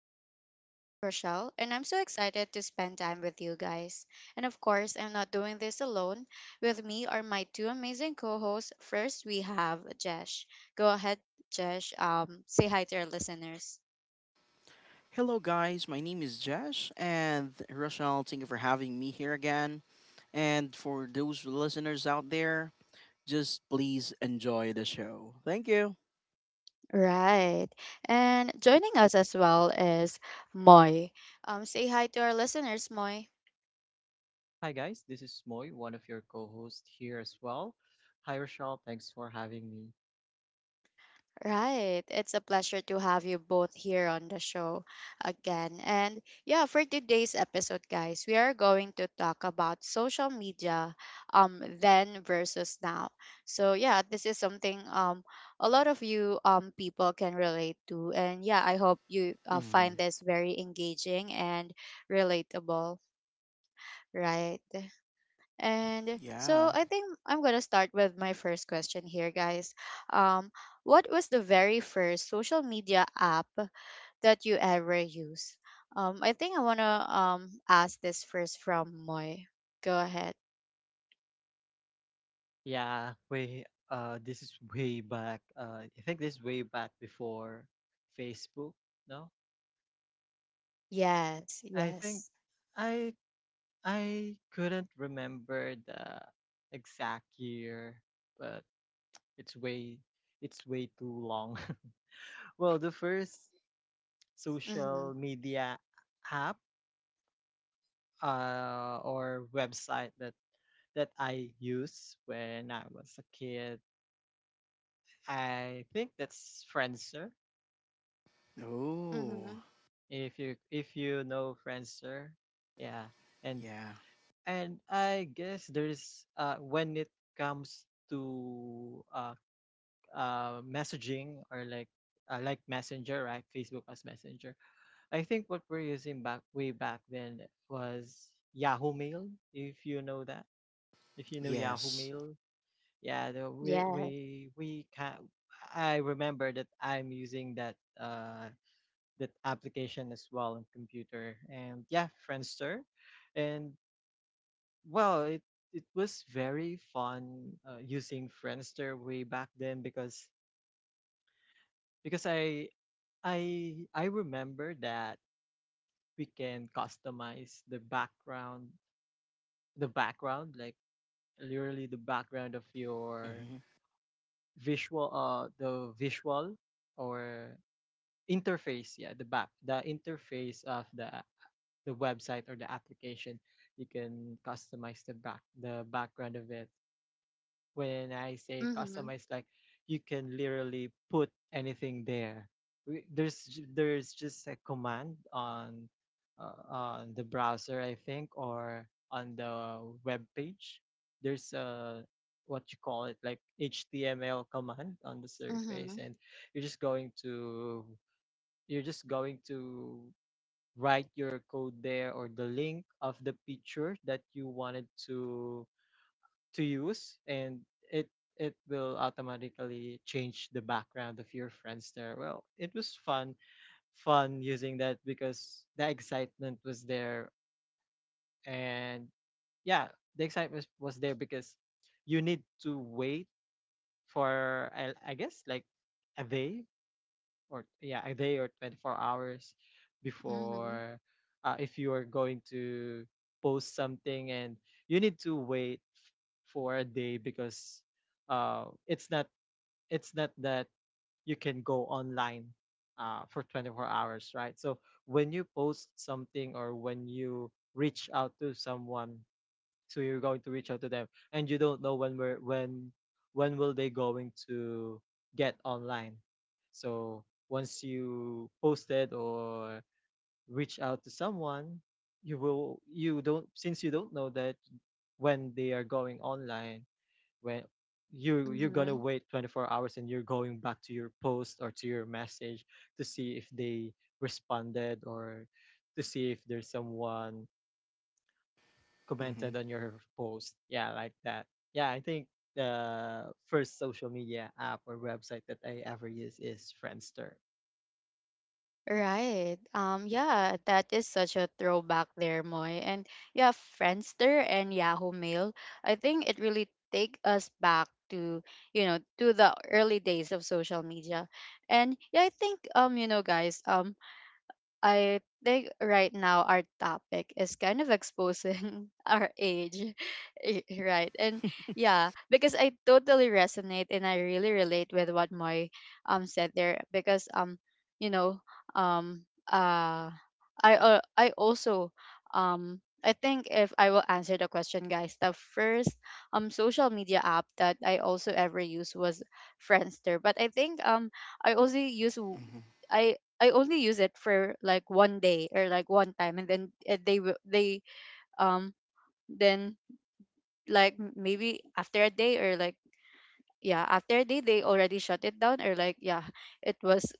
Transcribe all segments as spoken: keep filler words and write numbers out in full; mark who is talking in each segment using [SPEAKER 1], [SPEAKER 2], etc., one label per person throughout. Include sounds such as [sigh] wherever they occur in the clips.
[SPEAKER 1] I'm your host, Rochelle, and I'm so excited to spend time with you guys. And of course, I'm not doing this alone. With me are my two amazing co hosts. First, we have Jesh. Go ahead, Jesh, um, say hi to our listeners.
[SPEAKER 2] Hello, guys. My name is Josh, and Rochelle, thank you for having me here again. And for those listeners out there, just please enjoy the show. Thank you.
[SPEAKER 1] Right. And joining us as well is Moy. Um, say hi to our listeners, Moy.
[SPEAKER 3] Hi guys, this is Moy, one of your co-hosts here as well. Hi Rochelle, thanks for having me.
[SPEAKER 1] Right. It's a pleasure to have you both here on the show again. And yeah, for today's episode, guys, we are going to talk about social media um then versus now. So yeah, this is something um a lot of you um people can relate to. And yeah, I hope you uh, find
[SPEAKER 2] Hmm.
[SPEAKER 1] this very engaging and relatable. Right. And
[SPEAKER 2] Yeah.
[SPEAKER 1] so I think I'm going to start with my first question here, guys. Um, what was the very first social media app that you ever used? Um, I think I want to um, ask this first from Moy. Go ahead.
[SPEAKER 3] Yeah, way uh this is way back. Uh I think this is way back before Facebook, no?
[SPEAKER 1] Yes,
[SPEAKER 3] I think
[SPEAKER 1] yes.
[SPEAKER 3] I I couldn't remember the exact year, but it's way it's way too long. [laughs] Well, the first
[SPEAKER 1] Mm-hmm,
[SPEAKER 3] social media app uh, or website that that I used when I was a kid. I think that's Friendster.
[SPEAKER 1] mm-hmm,
[SPEAKER 2] Oh,
[SPEAKER 3] If you if you know Friendster, yeah, and
[SPEAKER 2] yeah.
[SPEAKER 3] and I guess there's uh when it comes to uh uh messaging, or like uh, like Messenger, right? Facebook as Messenger. I think what we're using back way back then was Yahoo Mail. If you know that, if you know Yahoo
[SPEAKER 2] Yes.
[SPEAKER 3] Mail, yeah, the, we
[SPEAKER 1] yes.
[SPEAKER 3] we we can. I remember that I'm using that uh that application as well on computer. And yeah, Friendster. And well, it it was very fun uh, using Friendster way back then, because because i i i remember that we can customize the background, the background like literally the background of your
[SPEAKER 2] Hmm,
[SPEAKER 3] visual uh the visual, or interface. Yeah, the back, the interface of the the website or the application. You can customize the back, the background of it. When I say
[SPEAKER 1] Mm-hmm,
[SPEAKER 3] customize, like, you can literally put anything there. We- There's there's just a command on, uh, on the browser, I think, or on the web page. There's a, what you call it, like, H T M L command on the surface,
[SPEAKER 1] mm-hmm,
[SPEAKER 3] and you're just going to you're just going to write your code there, or the link of the picture that you wanted to to use, and it it will automatically change the background of your friends there. Well, it was fun fun using that because the excitement was there. And yeah, the excitement was there because you need to wait for, i, I guess, like a day, or yeah, a day or twenty-four hours before, uh, if you are going to post something. And you need to wait f- for a day because, uh, it's not it's not that you can go online, uh, for twenty-four hours, right? So when you post something, or when you reach out to someone, so you're going to reach out to them, and you don't know when we're when when will they going to get online. So once you posted or reach out to someone, you will you don't, since you don't know that, when they are going online, when you you're gonna
[SPEAKER 1] mm-hmm.
[SPEAKER 3] wait twenty-four hours, and you're going back to your post or to your message to see if they responded, or to see if there's someone
[SPEAKER 2] hmm,
[SPEAKER 3] commented on your post. Yeah, like that. Yeah, I think the first social media app or website that I ever use is Friendster.
[SPEAKER 1] Right. Um yeah, that is such a throwback there, Moy. And yeah, Friendster and Yahoo Mail. I think it really take us back to, you know, to the early days of social media. And yeah, I think um you know, guys, um I think right now our topic is kind of exposing [laughs] our age, [laughs] y- right? And yeah, because I totally resonate and I really relate with what Moy um said there, because um you know, um uh I uh, I also, um I think if I will answer the question, guys, the first um social media app that I also ever used was Friendster. But I think um I also use. w-
[SPEAKER 2] hmm.
[SPEAKER 1] I I only use it for like one day or like one time, and then uh, they will they um then like m- maybe after a day, or like yeah, after a day they already shut it down, or like yeah, it was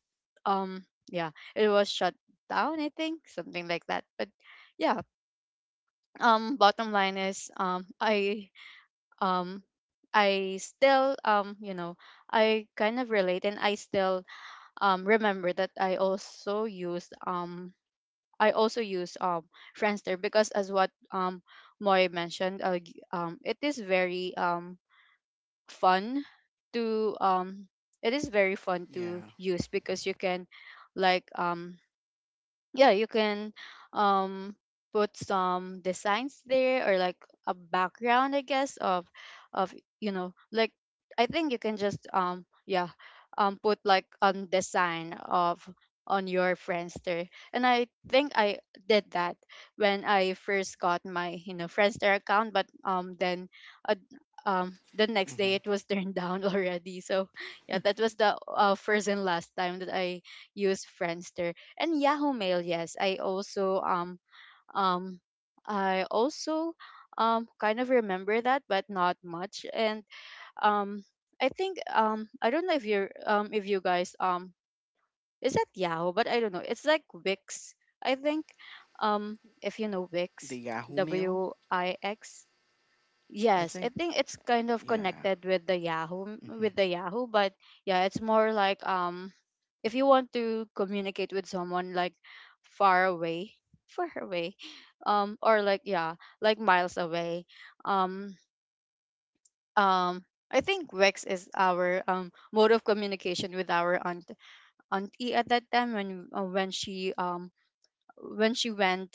[SPEAKER 1] um yeah it was shut down, I think, something like that. But yeah, um bottom line is, um I um I still, um you know, I kind of relate, and I still um remember that I also used, um I also use um Friendster, because as what um Moy mentioned, uh, g- um it is very um fun to, um it is very fun to
[SPEAKER 2] Yeah.
[SPEAKER 1] use because you can, like um yeah, you can um put some designs there, or like a background, I guess, of of you know, like, I think you can just um yeah, um put like a design of on your Friendster. And I think I did that when I first got my, you know, Friendster account. But um then, uh, um the next day it
[SPEAKER 2] Hmm.
[SPEAKER 1] was turned [laughs] down already. So yeah,
[SPEAKER 2] [laughs]
[SPEAKER 1] that was the uh, first and last time that I used Friendster. And Yahoo Mail. Yes, I also um um I also um kind of remember that, but not much. And um I think um I don't know if you're um if you guys um is that Yahoo, but I don't know. It's like Wix. I think um if you know
[SPEAKER 2] The
[SPEAKER 1] Wix,
[SPEAKER 2] Yahoo Mail,
[SPEAKER 1] W I X.
[SPEAKER 2] I
[SPEAKER 1] Yes, I
[SPEAKER 2] think.
[SPEAKER 1] think it's kind of
[SPEAKER 2] Yeah.
[SPEAKER 1] connected with the Yahoo,
[SPEAKER 2] Hmm,
[SPEAKER 1] with the Yahoo, but yeah, it's more like, um if you want to communicate with someone like far away, [laughs] far away um or like, yeah, like miles away. um um I think Wex is our um mode of communication with our aunt, auntie, at that time, when uh, when she um when she went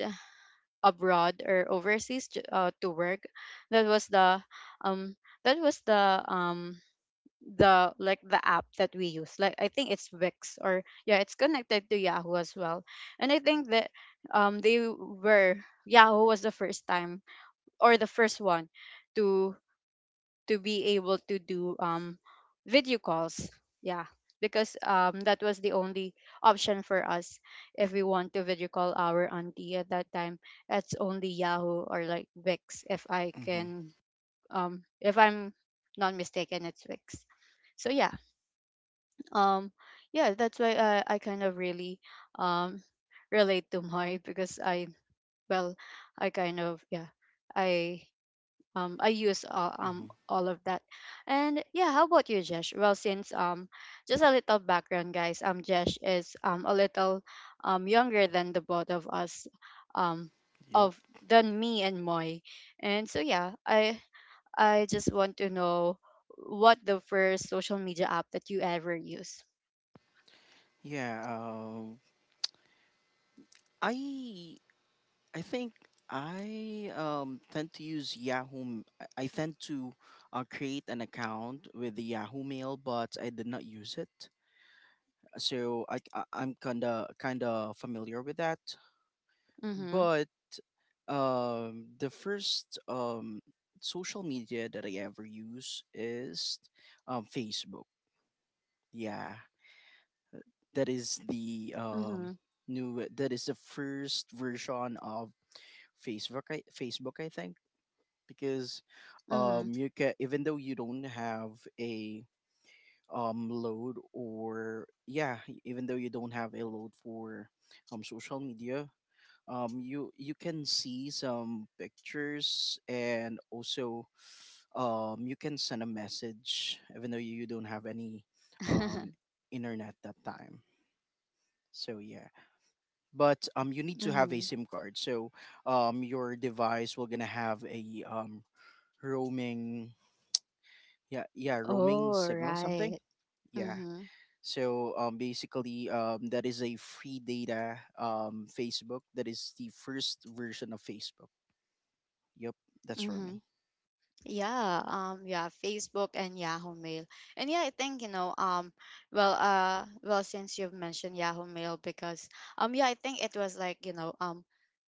[SPEAKER 1] abroad, or overseas, to, uh, to work. That was the um that was the um the like the app that we use. Like, I think it's Wix, or yeah, it's connected to Yahoo as well. And I think that um they were, Yahoo was the first time, or the first one, to to be able to do um video calls. Yeah, because um that was the only option for us if we want to video call our auntie at that time. It's only Yahoo or like Wix, if I
[SPEAKER 2] hmm,
[SPEAKER 1] can um if I'm not mistaken, it's Wix. So yeah, um yeah, that's why i i kind of really um relate to Moy, because I well, I kind of yeah, i um I use, uh, um
[SPEAKER 2] hmm.
[SPEAKER 1] all of that. And yeah, how about you, Jesh? Well, since um just a little background, guys, um Jesh is um a little um younger than the both of us, um
[SPEAKER 2] Yep.
[SPEAKER 1] of than me and Moy. And so yeah, i I just want to know what the first social media app that you ever use.
[SPEAKER 2] Yeah. Um, I I think I um, tend to use Yahoo. M- I I tend to uh, create an account with the Yahoo Mail, but I did not use it, so I, I I'm kinda kinda familiar with that.
[SPEAKER 1] Mm-hmm.
[SPEAKER 2] But um, the first um, social media that I ever use is um, Facebook. Yeah, that is the um,
[SPEAKER 1] Mhm,
[SPEAKER 2] new. That is the first version of Facebook. I, Facebook, I think, because
[SPEAKER 1] mhm.
[SPEAKER 2] um you can, even though you don't have a um load, or yeah e, even though you don't have a load for um social media, um you you can see some pictures, and also um you can send a message even though you don't have any um internet that time. So yeah, but um you need to have a
[SPEAKER 1] Mhm. [laughs]
[SPEAKER 2] SIM card, so um your device will gonna have a um roaming, yeah, yeah, roaming
[SPEAKER 1] Oh,
[SPEAKER 2] signal something.
[SPEAKER 1] right.
[SPEAKER 2] Yeah.
[SPEAKER 1] Mhm,
[SPEAKER 2] So um basically, um that is a free data um Facebook. That is the first version of Facebook. Yep, that's for me.
[SPEAKER 1] mhm. Yeah, um, yeah, Facebook and Yahoo Mail. And yeah, I think, you know, um, well, uh, well, since you've mentioned Yahoo Mail, because, um, yeah, I think it was like, you know, um,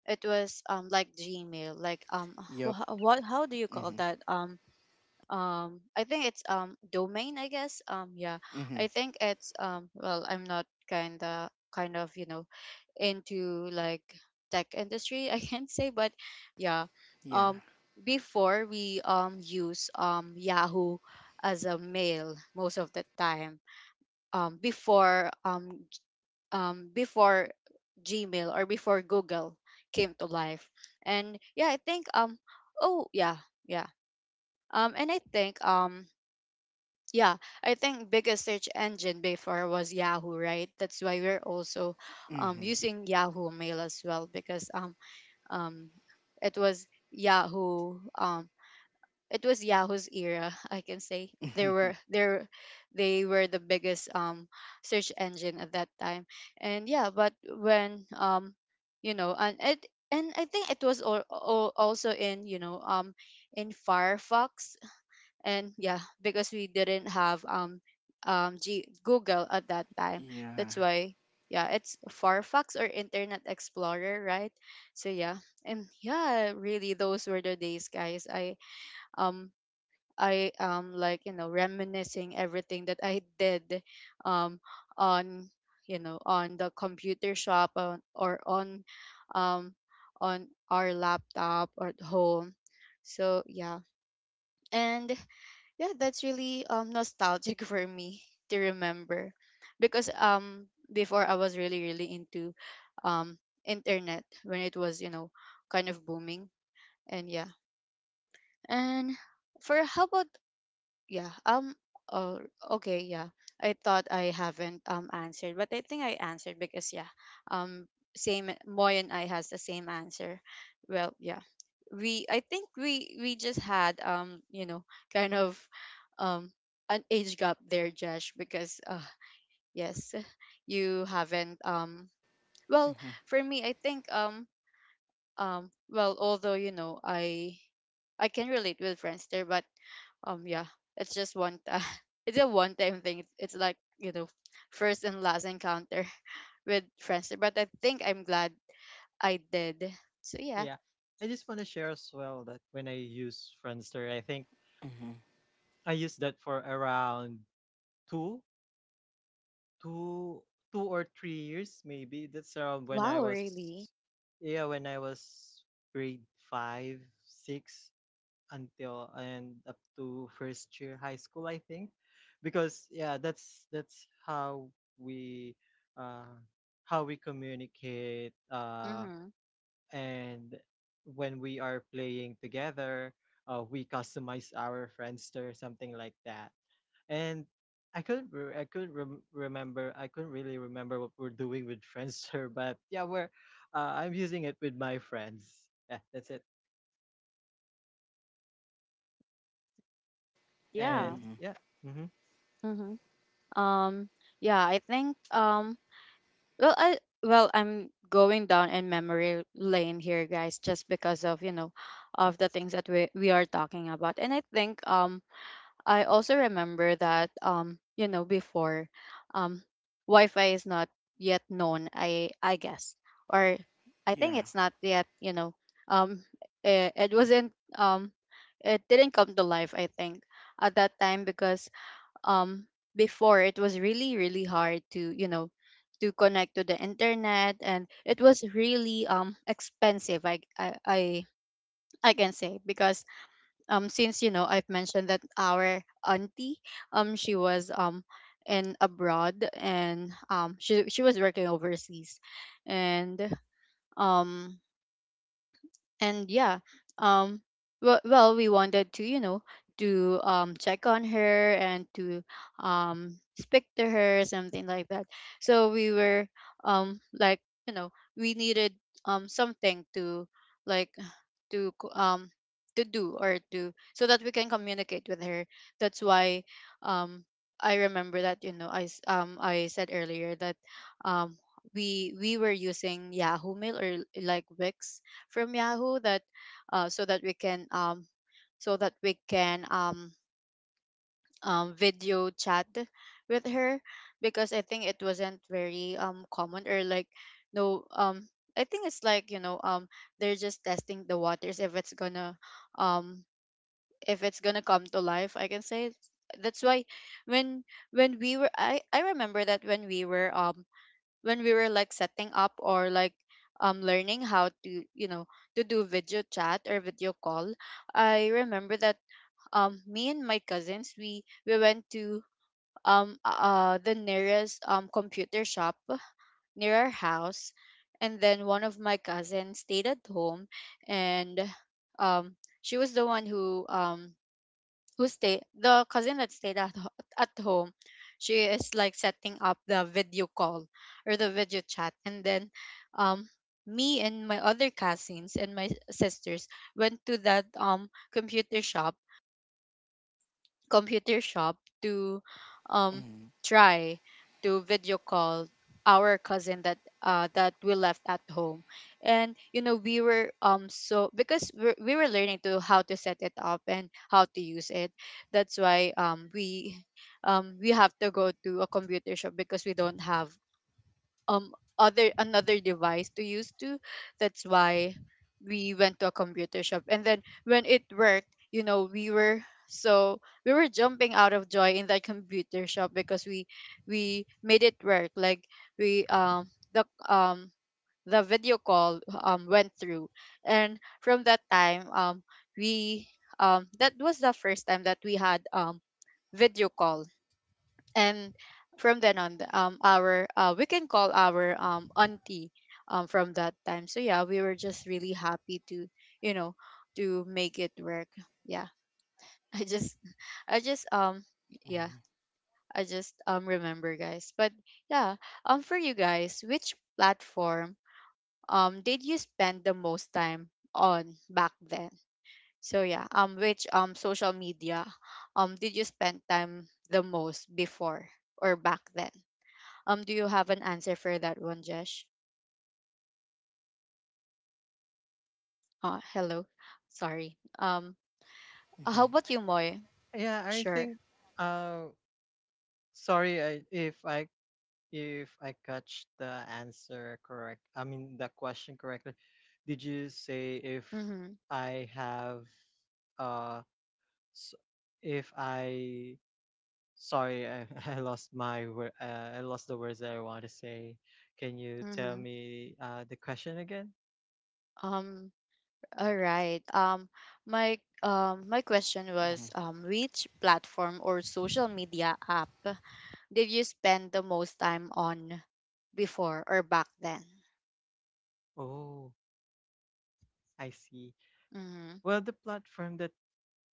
[SPEAKER 1] it was, um, like Gmail, like, um,
[SPEAKER 2] Yep.
[SPEAKER 1] wh- what, how do you call
[SPEAKER 2] Mm-hmm,
[SPEAKER 1] that? Um, um, I think it's, um, domain, I guess. Um, yeah,
[SPEAKER 2] mm-hmm.
[SPEAKER 1] I think it's, um, well, I'm not kinda, kind of, you know, into like tech industry. [laughs] I can't say, but yeah,
[SPEAKER 2] Yeah.
[SPEAKER 1] um before we um use um Yahoo as a mail most of the time, um before um g- um before Gmail, or before Google, came to life. And yeah, I think um oh yeah, yeah, um and I think um yeah, I think biggest search engine before was Yahoo, right? That's why we're also um
[SPEAKER 2] Mm-hmm,
[SPEAKER 1] using Yahoo Mail as well. Because um um it was Yahoo, um it was Yahoo's era. [laughs] I can say, they were
[SPEAKER 2] mm-hmm.
[SPEAKER 1] there, they were the biggest um search engine at that time. And yeah, but when um you know, and it, and I think it was all, also in, you know, um in Firefox. And yeah, because we didn't have um um G- Google at that
[SPEAKER 2] [laughs]
[SPEAKER 1] time.
[SPEAKER 2] Yeah.
[SPEAKER 1] That's why, yeah, it's Firefox or Internet Explorer, right? So yeah. And yeah, really those were the days, guys. I um i um like, you know, reminiscing everything that I did um on, you know, on the computer shop on, or on um on our laptop or at home. So yeah. And yeah, that's really um nostalgic [laughs] for me to remember. Because um before, I was really really into um internet when it was, you know, kind of booming. And yeah. And for how about yeah. Um. Oh. Okay. Yeah. I thought I haven't um answered, but I think I answered, because yeah. Um. Same. Moy and I has the same answer. Well. Yeah. We. I think we we just had, um, you know, kind of um an age gap there, Josh. Because, uh, yes. [laughs] You haven't, um, well,
[SPEAKER 2] Mm-hmm,
[SPEAKER 1] for me, I think um um. well, although you know, I I can relate with friends there, but um yeah, it's just one time. [laughs] It's a one time thing. it's, it's like, you know, first and last encounter [laughs] with friends. But I think I'm glad I did. So yeah.
[SPEAKER 3] Yeah. I just want to share as well that when I use Friendster, I think
[SPEAKER 2] mm-hmm,
[SPEAKER 3] I used that for around two, two, two or three years, maybe. That's around when I
[SPEAKER 1] Wow,
[SPEAKER 3] was,
[SPEAKER 1] really?
[SPEAKER 3] yeah, when I was grade five, six, until and up to first year high school, I think, because yeah, that's that's how we, uh, how we communicate, uh,
[SPEAKER 1] Mm-hmm.
[SPEAKER 3] and when we are playing together, uh, we customize our Friendster, something like that. And I couldn't re- I couldn't rem- remember I couldn't really remember what we're doing with Friendster, [laughs] but yeah, we're uh, I'm using it with my friends. Yeah, that's it.
[SPEAKER 1] Yeah.
[SPEAKER 3] And
[SPEAKER 2] mm-hmm.
[SPEAKER 3] yeah. Mm-hmm.
[SPEAKER 1] Mm-hmm. um yeah, I think, um well, I well, I'm going down in memory lane here, guys, just because of, you know, of the things that we we are talking about. And I think um I also remember that, um you know, before um Wi-Fi is not yet known, I I guess, or I think
[SPEAKER 2] Yeah.
[SPEAKER 1] it's not yet, you know, um it, it wasn't, um it didn't come to life, I think, at that time. Because um before, it was really really hard to, you know, to connect to the internet. And it was really um expensive, I I I, I can say. Because um since, you know, I've mentioned that our auntie, um she was um in abroad, and um she she was working overseas. And um and yeah, um well, well we wanted to, you know, to um check on her, and to um speak to her, something like that. So we were um like, you know, we needed um something to, like, to co- um to do, or to, so that we can communicate with her. That's why um I remember that, you know, i s- um I said earlier that um we we were using Yahoo Mail or like Wix from Yahoo, that uh so that we can, um so that we can, um um, video chat with her. Because I think it wasn't very um common, or like, no, um I think it's like, you know, um they're just testing the waters if it's gonna, um if it's gonna come to life, I can say. That's why when when we were I I remember that when we were, um when we were, like, setting up, or like um learning how to, you know, to do video chat or video call, I remember that um me and my cousins, we we went to um uh uh, the nearest um computer shop Near our house, and then one of my cousins stayed at home and um she was the one who um who stayed, the cousin that stayed at ho- at home, she is like setting up the video call or the video chat. And then um me and my other cousins and my sisters went to that um computer shop computer shop to um
[SPEAKER 2] Mm-hmm,
[SPEAKER 1] try to video call our cousin that uh that we left at home. And you know, we were um so because we're, we were learning to how to set it up and how to use it, that's why um we um we have to go to a computer shop because we don't have um other another device to use to, that's why we went to a computer shop. And then when it worked, you know, we were so, we were jumping out of joy in that computer shop because we we made it work. Like, we um the um the video call um went through, and from that time um we um that was the first time that we had um video call. And from then on, the- um our uh we can call our um auntie um from that time. So yeah, we were just really happy to, you know to make it work. Yeah. [laughs] I just I just um yeah
[SPEAKER 2] mm-hmm,
[SPEAKER 1] I just um remember, guys. But yeah, um for you guys, which platform um did you spend the most time on back then? So yeah, um which um social media um did you spend time the most before or back then? Um, do you have an answer for that one, Jesh? Uh, hello. Sorry. Um,
[SPEAKER 2] mm-hmm,
[SPEAKER 1] how
[SPEAKER 2] mm-hmm.
[SPEAKER 1] about you, Moy?
[SPEAKER 3] Yeah, I
[SPEAKER 1] Sure.
[SPEAKER 3] think. Uh, sorry, I, if I if I catch the answer correct. I mean, the question correctly. Did you say if
[SPEAKER 1] Mm-hmm.
[SPEAKER 3] I have, uh s- if I sorry, I, [laughs] I lost my wor- uh, I lost the words that I want to say. Can you tell
[SPEAKER 1] Mm-hmm.
[SPEAKER 3] me uh the question again?
[SPEAKER 1] Um, all right. Um, my um, my question was, um, which platform or social media app did you spend the most time on before or back then?
[SPEAKER 3] Oh, I see.
[SPEAKER 1] Mm-hmm.
[SPEAKER 3] Well, the platform that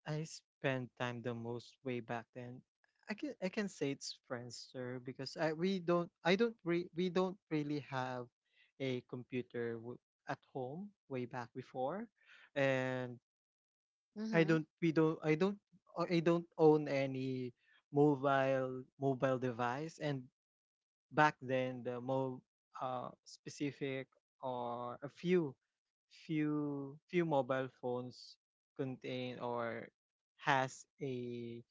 [SPEAKER 3] I spend time the most way back then, I can I can say it's Friendster because I we don't I don't re, we don't really have a computer w- at home way back before, and I
[SPEAKER 1] Mm-hmm.
[SPEAKER 3] don't we don't I don't I don't own any mobile mobile device. And back then, the more, uh, specific, or a few few few mobile phones contain or has a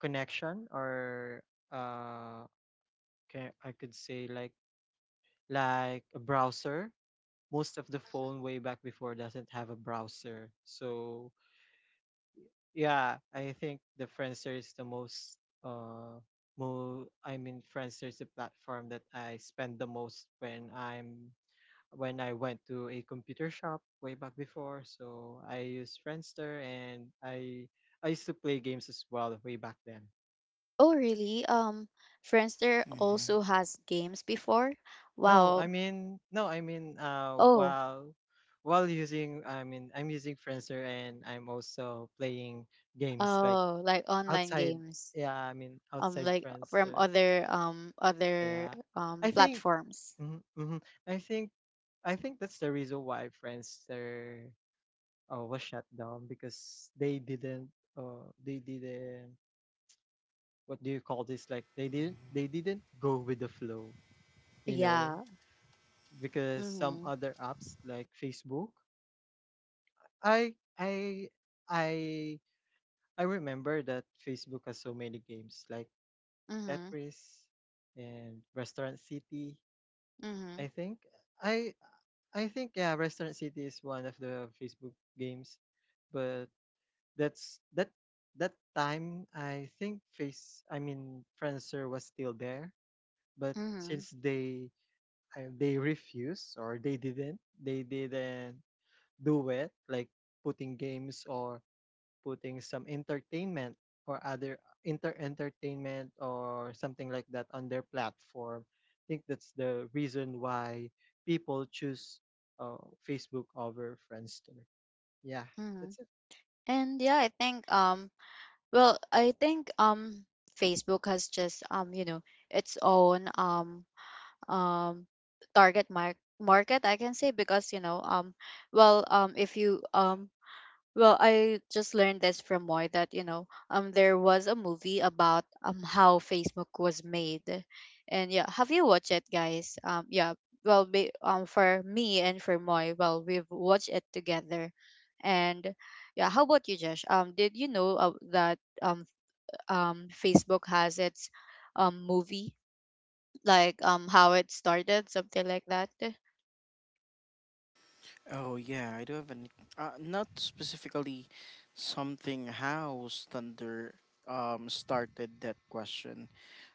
[SPEAKER 3] connection, or uh can, I could say, like like a browser. Most of the phone way back before doesn't have a browser. So yeah, I think the Friendster is the most uh more I mean, Friendster is the platform that I spend the most when I'm when I went to a computer shop way back before. So I used Friendster, and I I used to play games as well way back then.
[SPEAKER 1] Oh, really? Um, Friendster
[SPEAKER 2] Mm-hmm.
[SPEAKER 1] also has games before?
[SPEAKER 3] No, I
[SPEAKER 1] Wow.
[SPEAKER 3] mean, no, I mean uh
[SPEAKER 1] Oh,
[SPEAKER 3] while while using, I mean, I'm using Friendster, and I'm also playing games, like
[SPEAKER 1] oh, like online
[SPEAKER 3] outside,
[SPEAKER 1] games.
[SPEAKER 3] yeah, I mean,
[SPEAKER 1] Um,
[SPEAKER 3] outside
[SPEAKER 1] like from
[SPEAKER 3] Friendster.
[SPEAKER 1] other um other
[SPEAKER 3] Yeah.
[SPEAKER 1] um
[SPEAKER 3] I think.
[SPEAKER 1] platforms.
[SPEAKER 3] Mm-hmm, mm-hmm. I think I think that's the reason why Friendster, uh, was shut down because they didn't uh, they didn't, what do you call this, like, they didn't they didn't go with the flow, you know,
[SPEAKER 1] Yeah.
[SPEAKER 3] because some
[SPEAKER 1] Mhm.
[SPEAKER 3] other apps, like Facebook, i i i I remember that Facebook has so many games, like
[SPEAKER 1] Mhm.
[SPEAKER 3] Tetris and Restaurant City. i
[SPEAKER 1] Mhm.
[SPEAKER 3] think i I think, yeah, Restaurant City is one of the Facebook games. But That's that that time, I think, face I mean, Friendster was still there, but
[SPEAKER 1] Mhm.
[SPEAKER 3] since they, uh, they refuse, or they didn't they didn't do it, like, putting games, or putting some entertainment, or other inter entertainment, or something like that, on their platform. I think that's the reason why people choose, uh, Facebook over Friendster. Yeah,
[SPEAKER 1] Mhm.
[SPEAKER 3] that's it.
[SPEAKER 1] And yeah, I think um well, I think um Facebook has just, um you know, its own um um target mar- market, I can say, because you know, um well um if you um well, I just learned this from Moy that, you know, um there was a movie about um how Facebook was made. And yeah, have you watched it, guys? Um yeah, well be, um for me and for Moy, well, we've watched it together. And yeah, how about you, Josh? Um did you know uh, that um um Facebook has its um movie, like um how it started, something like that?
[SPEAKER 2] Oh yeah, I do have an uh, not specifically something how thunder um started that question.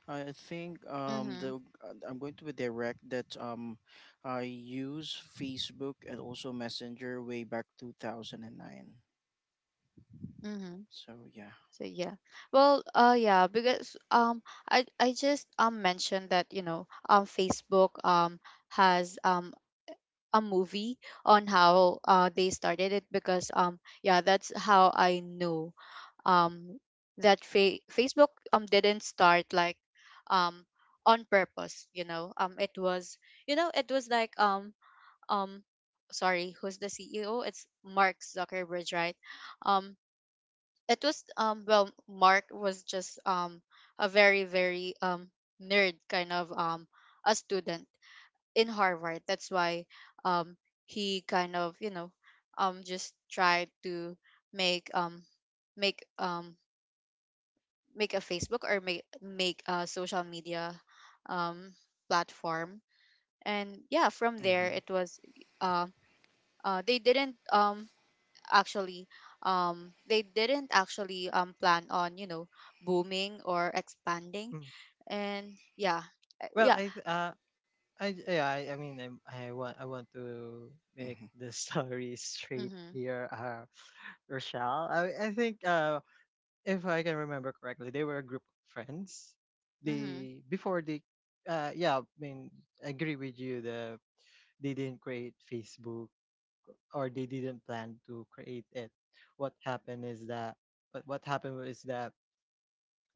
[SPEAKER 2] I think um
[SPEAKER 1] Mhm.
[SPEAKER 2] the I'm going to be direct that um I use Facebook and also Messenger way back twenty oh nine.
[SPEAKER 1] Mhm.
[SPEAKER 2] So yeah.
[SPEAKER 1] So yeah. Well, uh yeah, because um I I just um mentioned that, you know, um Facebook um has um a movie on how uh they started it, because um yeah, that's how I knew um that fa- Facebook um didn't start like um on purpose, you know. Um it was, you know, it was like um um sorry, who's the C E O? It's Mark Zuckerberg, right? Um it was, um well, Mark was just um a very very um nerd kind of um a student in Harvard. That's why um he kind of, you know, um just tried to make um make um make a Facebook, or make make a social media um platform. And yeah, from there
[SPEAKER 2] Mhm.
[SPEAKER 1] it was um uh, uh they didn't um actually, um they didn't actually um plan on, you know, booming or expanding.
[SPEAKER 3] Mm.
[SPEAKER 1] And yeah, uh,
[SPEAKER 3] Well,
[SPEAKER 1] yeah.
[SPEAKER 3] I th- uh, I yeah, I, I mean, I'm, I want I want to make
[SPEAKER 2] Mhm.
[SPEAKER 3] the [laughs] story straight
[SPEAKER 1] Mhm.
[SPEAKER 3] here. Uh, Rochelle, I I think, uh if I can remember correctly, they were a group of friends.
[SPEAKER 1] Mhm.
[SPEAKER 3] They before they uh yeah, I mean, I agree with you. The they didn't create Facebook, or they didn't plan to create it. What happened is that, but what happened is that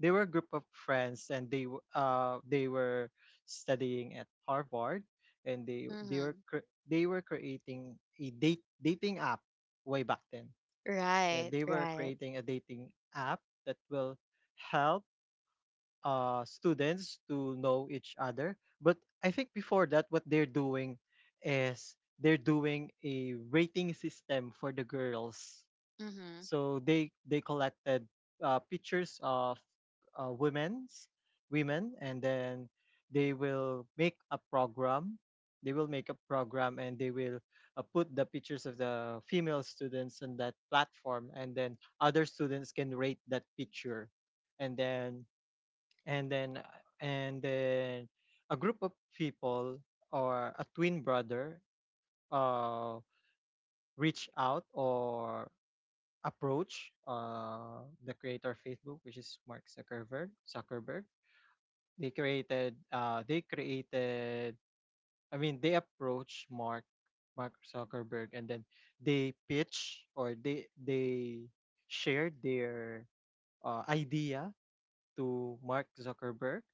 [SPEAKER 3] they were a group of friends, and they, w- uh they were studying at Harvard. And they they were
[SPEAKER 1] Mhm.
[SPEAKER 3] cre- they were creating a date dating app way back then. Yeah,
[SPEAKER 1] Right,
[SPEAKER 3] they were
[SPEAKER 1] right.
[SPEAKER 3] creating a dating app that will help, uh students to know each other. But I think, before that, what they're doing is they're doing a rating system for the girls.
[SPEAKER 1] Mhm.
[SPEAKER 3] So they they collected, uh, pictures of, uh, women's women. And then they will make a program. They will make a program, and they will, uh, put the pictures of the female students on that platform, and then other students can rate that picture. And then, and then and then a group of people, or a twin brother, uh reach out, or approach, uh, the creator of Facebook, which is Mark Zuckerberg. Zuckerberg. They created. Uh, they created. I mean, they approached Mark, Mark Zuckerberg, and then they pitch, or they they share their, uh, idea to Mark Zuckerberg.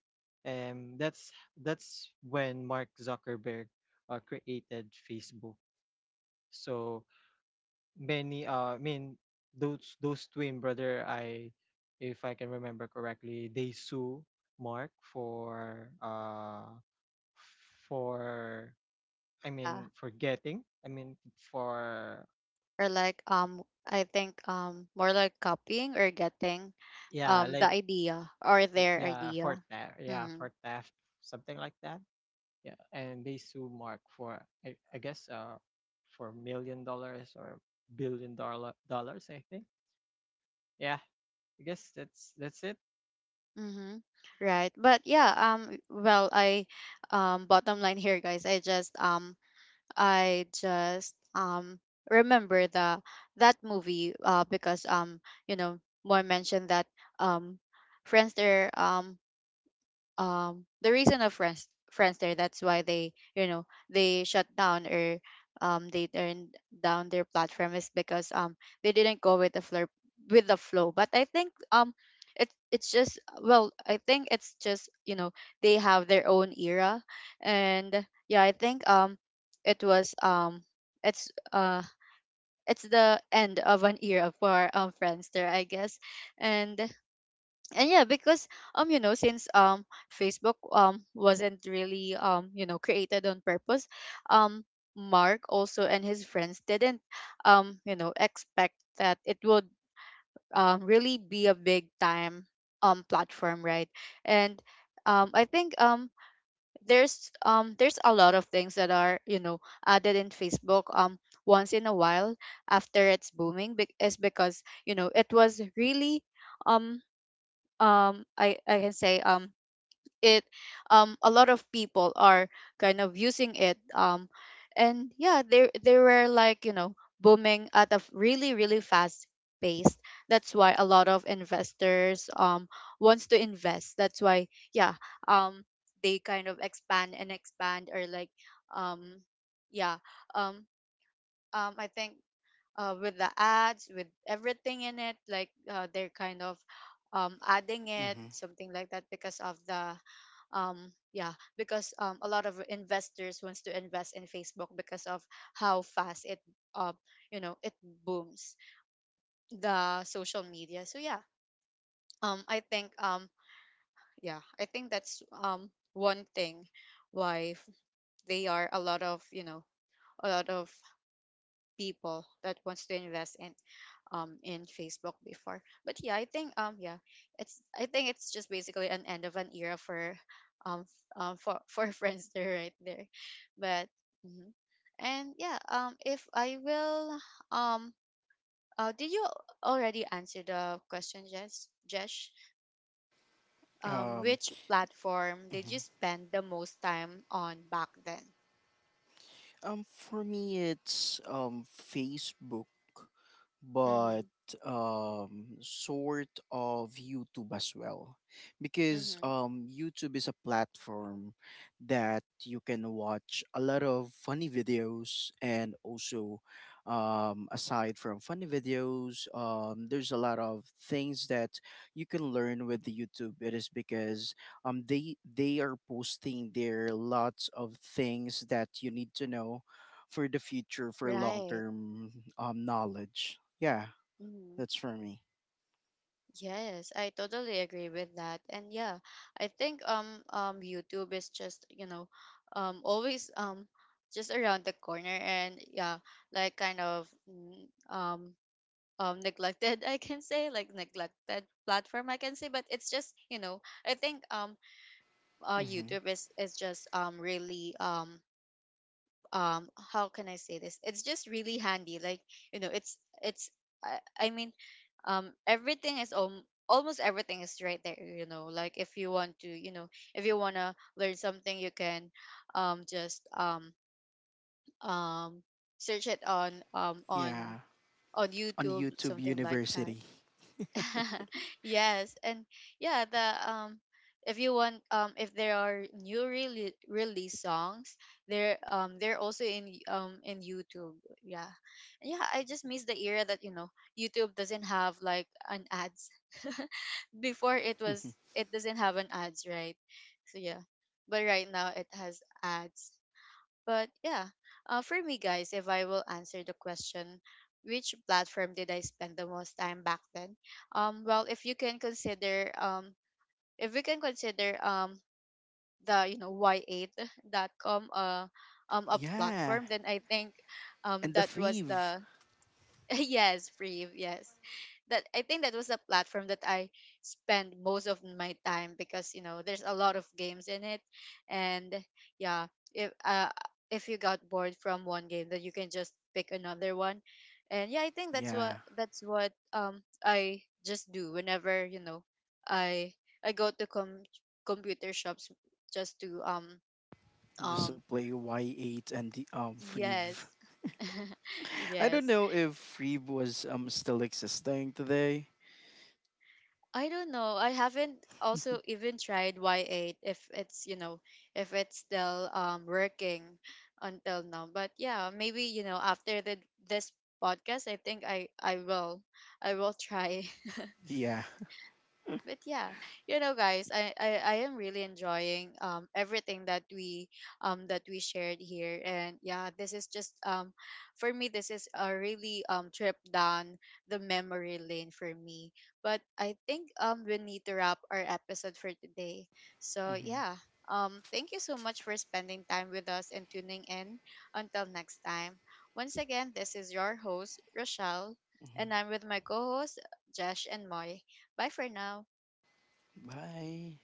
[SPEAKER 3] And that's that's when Mark Zuckerberg, uh, created Facebook. So, many uh I mean those those twin brother, I if I can remember correctly, they sue Mark for, uh for I
[SPEAKER 1] Yeah,
[SPEAKER 3] mean for getting I mean for
[SPEAKER 1] or like um I think um more like copying or getting
[SPEAKER 3] yeah
[SPEAKER 1] um the
[SPEAKER 3] like
[SPEAKER 1] idea or
[SPEAKER 3] y-
[SPEAKER 1] their
[SPEAKER 3] yeah for
[SPEAKER 1] idea.
[SPEAKER 3] theft, yeah
[SPEAKER 1] Mm.
[SPEAKER 3] for theft something like that. Yeah, and they sue Mark for, I, I guess, uh for million dollars, or billion dollar dollars, I think. Yeah, I guess that's that's it.
[SPEAKER 1] Mm-hmm. Right, but yeah, um well I um bottom line here, guys, i just um I just um remember the that movie, uh because um you know, Moy mentioned that um friends there um um the reason of friends Friendster, that's why they, you know, they shut down or um they turned down their platform, is because um they didn't go with the flow, with the flow but I think um it, it's just, well, I think it's just, you know, they have their own era. And yeah, I think um it was um it's uh it's the end of an era for um Friendster, I guess. and and yeah, because um you know, since um Facebook um wasn't really, um you know, created on purpose, um Mark also and his friends didn't, um you know, expect that it would um really be a big time um platform, right? And um I think um there's um there's a lot of things that are, you know, added in Facebook um once in a while after it's booming, be- is because you know, it was really um um I I can say, um it um a lot of people are kind of using it, um and yeah, they they were, like, you know, booming at a f- really really fast pace. That's why a lot of investors um wants to invest, that's why yeah, um they kind of expand and expand, or like, um yeah, um um I think uh, with the ads, with everything in it. Like, uh, they're kind of, um, adding it,
[SPEAKER 2] Mhm.
[SPEAKER 1] something like that, because of the um yeah, because um a lot of investors wants to invest in Facebook because of how fast it uh you know, it booms, the social media. So yeah, um I think um yeah, I think that's um one thing why f- they are a lot of, you know, a lot of people that wants to invest in um in Facebook before. But yeah, I think, um yeah, it's, I think it's just basically an end of an era for um um for for [laughs] friends there right there. But mhm. And yeah, um if I will um uh did you already answer the question, Jess? Jesh? Um
[SPEAKER 2] Um
[SPEAKER 1] which platform did you spend the most time on back then?
[SPEAKER 2] um for me, it's um Facebook. But
[SPEAKER 1] Mhm.
[SPEAKER 2] um sort of YouTube as well, because
[SPEAKER 1] Mhm.
[SPEAKER 2] um YouTube is a platform that you can watch a lot of funny videos, and also um aside from funny videos, um there's a lot of things that you can learn with the YouTube. It is because um they they are posting their lots of things that you need to know for the future, for long
[SPEAKER 1] Right.
[SPEAKER 2] term um knowledge. Yeah, that's for me.
[SPEAKER 1] Yes, I totally agree with that. And yeah, I think um um YouTube is just, you know, um always um just around the corner. And yeah, like, kind of, mm, um um neglected [laughs] I can say, like neglected platform, I can say, but it's just, you know, I think um uh
[SPEAKER 2] Hmm.
[SPEAKER 1] YouTube is is just um really um um how can I say this, it's just really handy. Like, you know, it's it's i, I mean, um everything is, um, almost everything is right there, you know. Like, if you want to, you know, if you want to learn something, you can um just um um search it on um on
[SPEAKER 2] Yeah,
[SPEAKER 1] on
[SPEAKER 2] on
[SPEAKER 1] YouTube,
[SPEAKER 2] YouTube
[SPEAKER 1] something like that.
[SPEAKER 2] University.
[SPEAKER 1] [laughs] Yes. And yeah, the um if you want, um if there are new really release songs, they're, um they're also in y- um in YouTube. Yeah. And yeah, I just miss the era that, you know, YouTube doesn't have like an ads. Before, it was,
[SPEAKER 2] [laughs]
[SPEAKER 1] it doesn't have an ads, right? So yeah, but right now it has ads. But yeah, uh, for me, guys, if I will answer the question, which platform did I spend the most time back then? Um, well, if you can consider, um, if we can consider um the, you know, y eight dot com, uh um a
[SPEAKER 2] Yeah,
[SPEAKER 1] platform, then I think um
[SPEAKER 2] and the
[SPEAKER 1] that was
[SPEAKER 2] Freeve.
[SPEAKER 1] the [laughs] yes, free. Yes. That, I think that was a platform that I spend most of my time, because you know, there's a lot of games in it. And yeah, if uh if you got bored from one game, then you can just pick another one. And yeah, I think that's
[SPEAKER 2] Yeah,
[SPEAKER 1] what that's what um I just do whenever, you know, I I go to com- computer shops, just to um
[SPEAKER 2] just to
[SPEAKER 1] um
[SPEAKER 2] play Y eight and the um Freeve.
[SPEAKER 1] yes. [laughs]
[SPEAKER 2] I don't
[SPEAKER 1] Yes.
[SPEAKER 2] know if Freeve was um still existing today.
[SPEAKER 1] I don't know. I haven't also even tried Y eight if it's, you know, if it's still um working until now. But yeah, maybe, you know, after the, this podcast, I think I I will, I will try. [laughs]
[SPEAKER 2] Yeah.
[SPEAKER 1] But yeah, you know, guys, I, I i am really enjoying um everything that we um that we shared here. And yeah, this is just, um for me, this is a really um trip down the memory lane for me. But I think um we need to wrap our episode for today. So yeah, um thank you so much for spending time with us and tuning in. Until next time, once again, this is your host, Rochelle,
[SPEAKER 2] Mhm.
[SPEAKER 1] and I'm with my co-host, Josh and Moy. Bye for now.
[SPEAKER 2] Bye.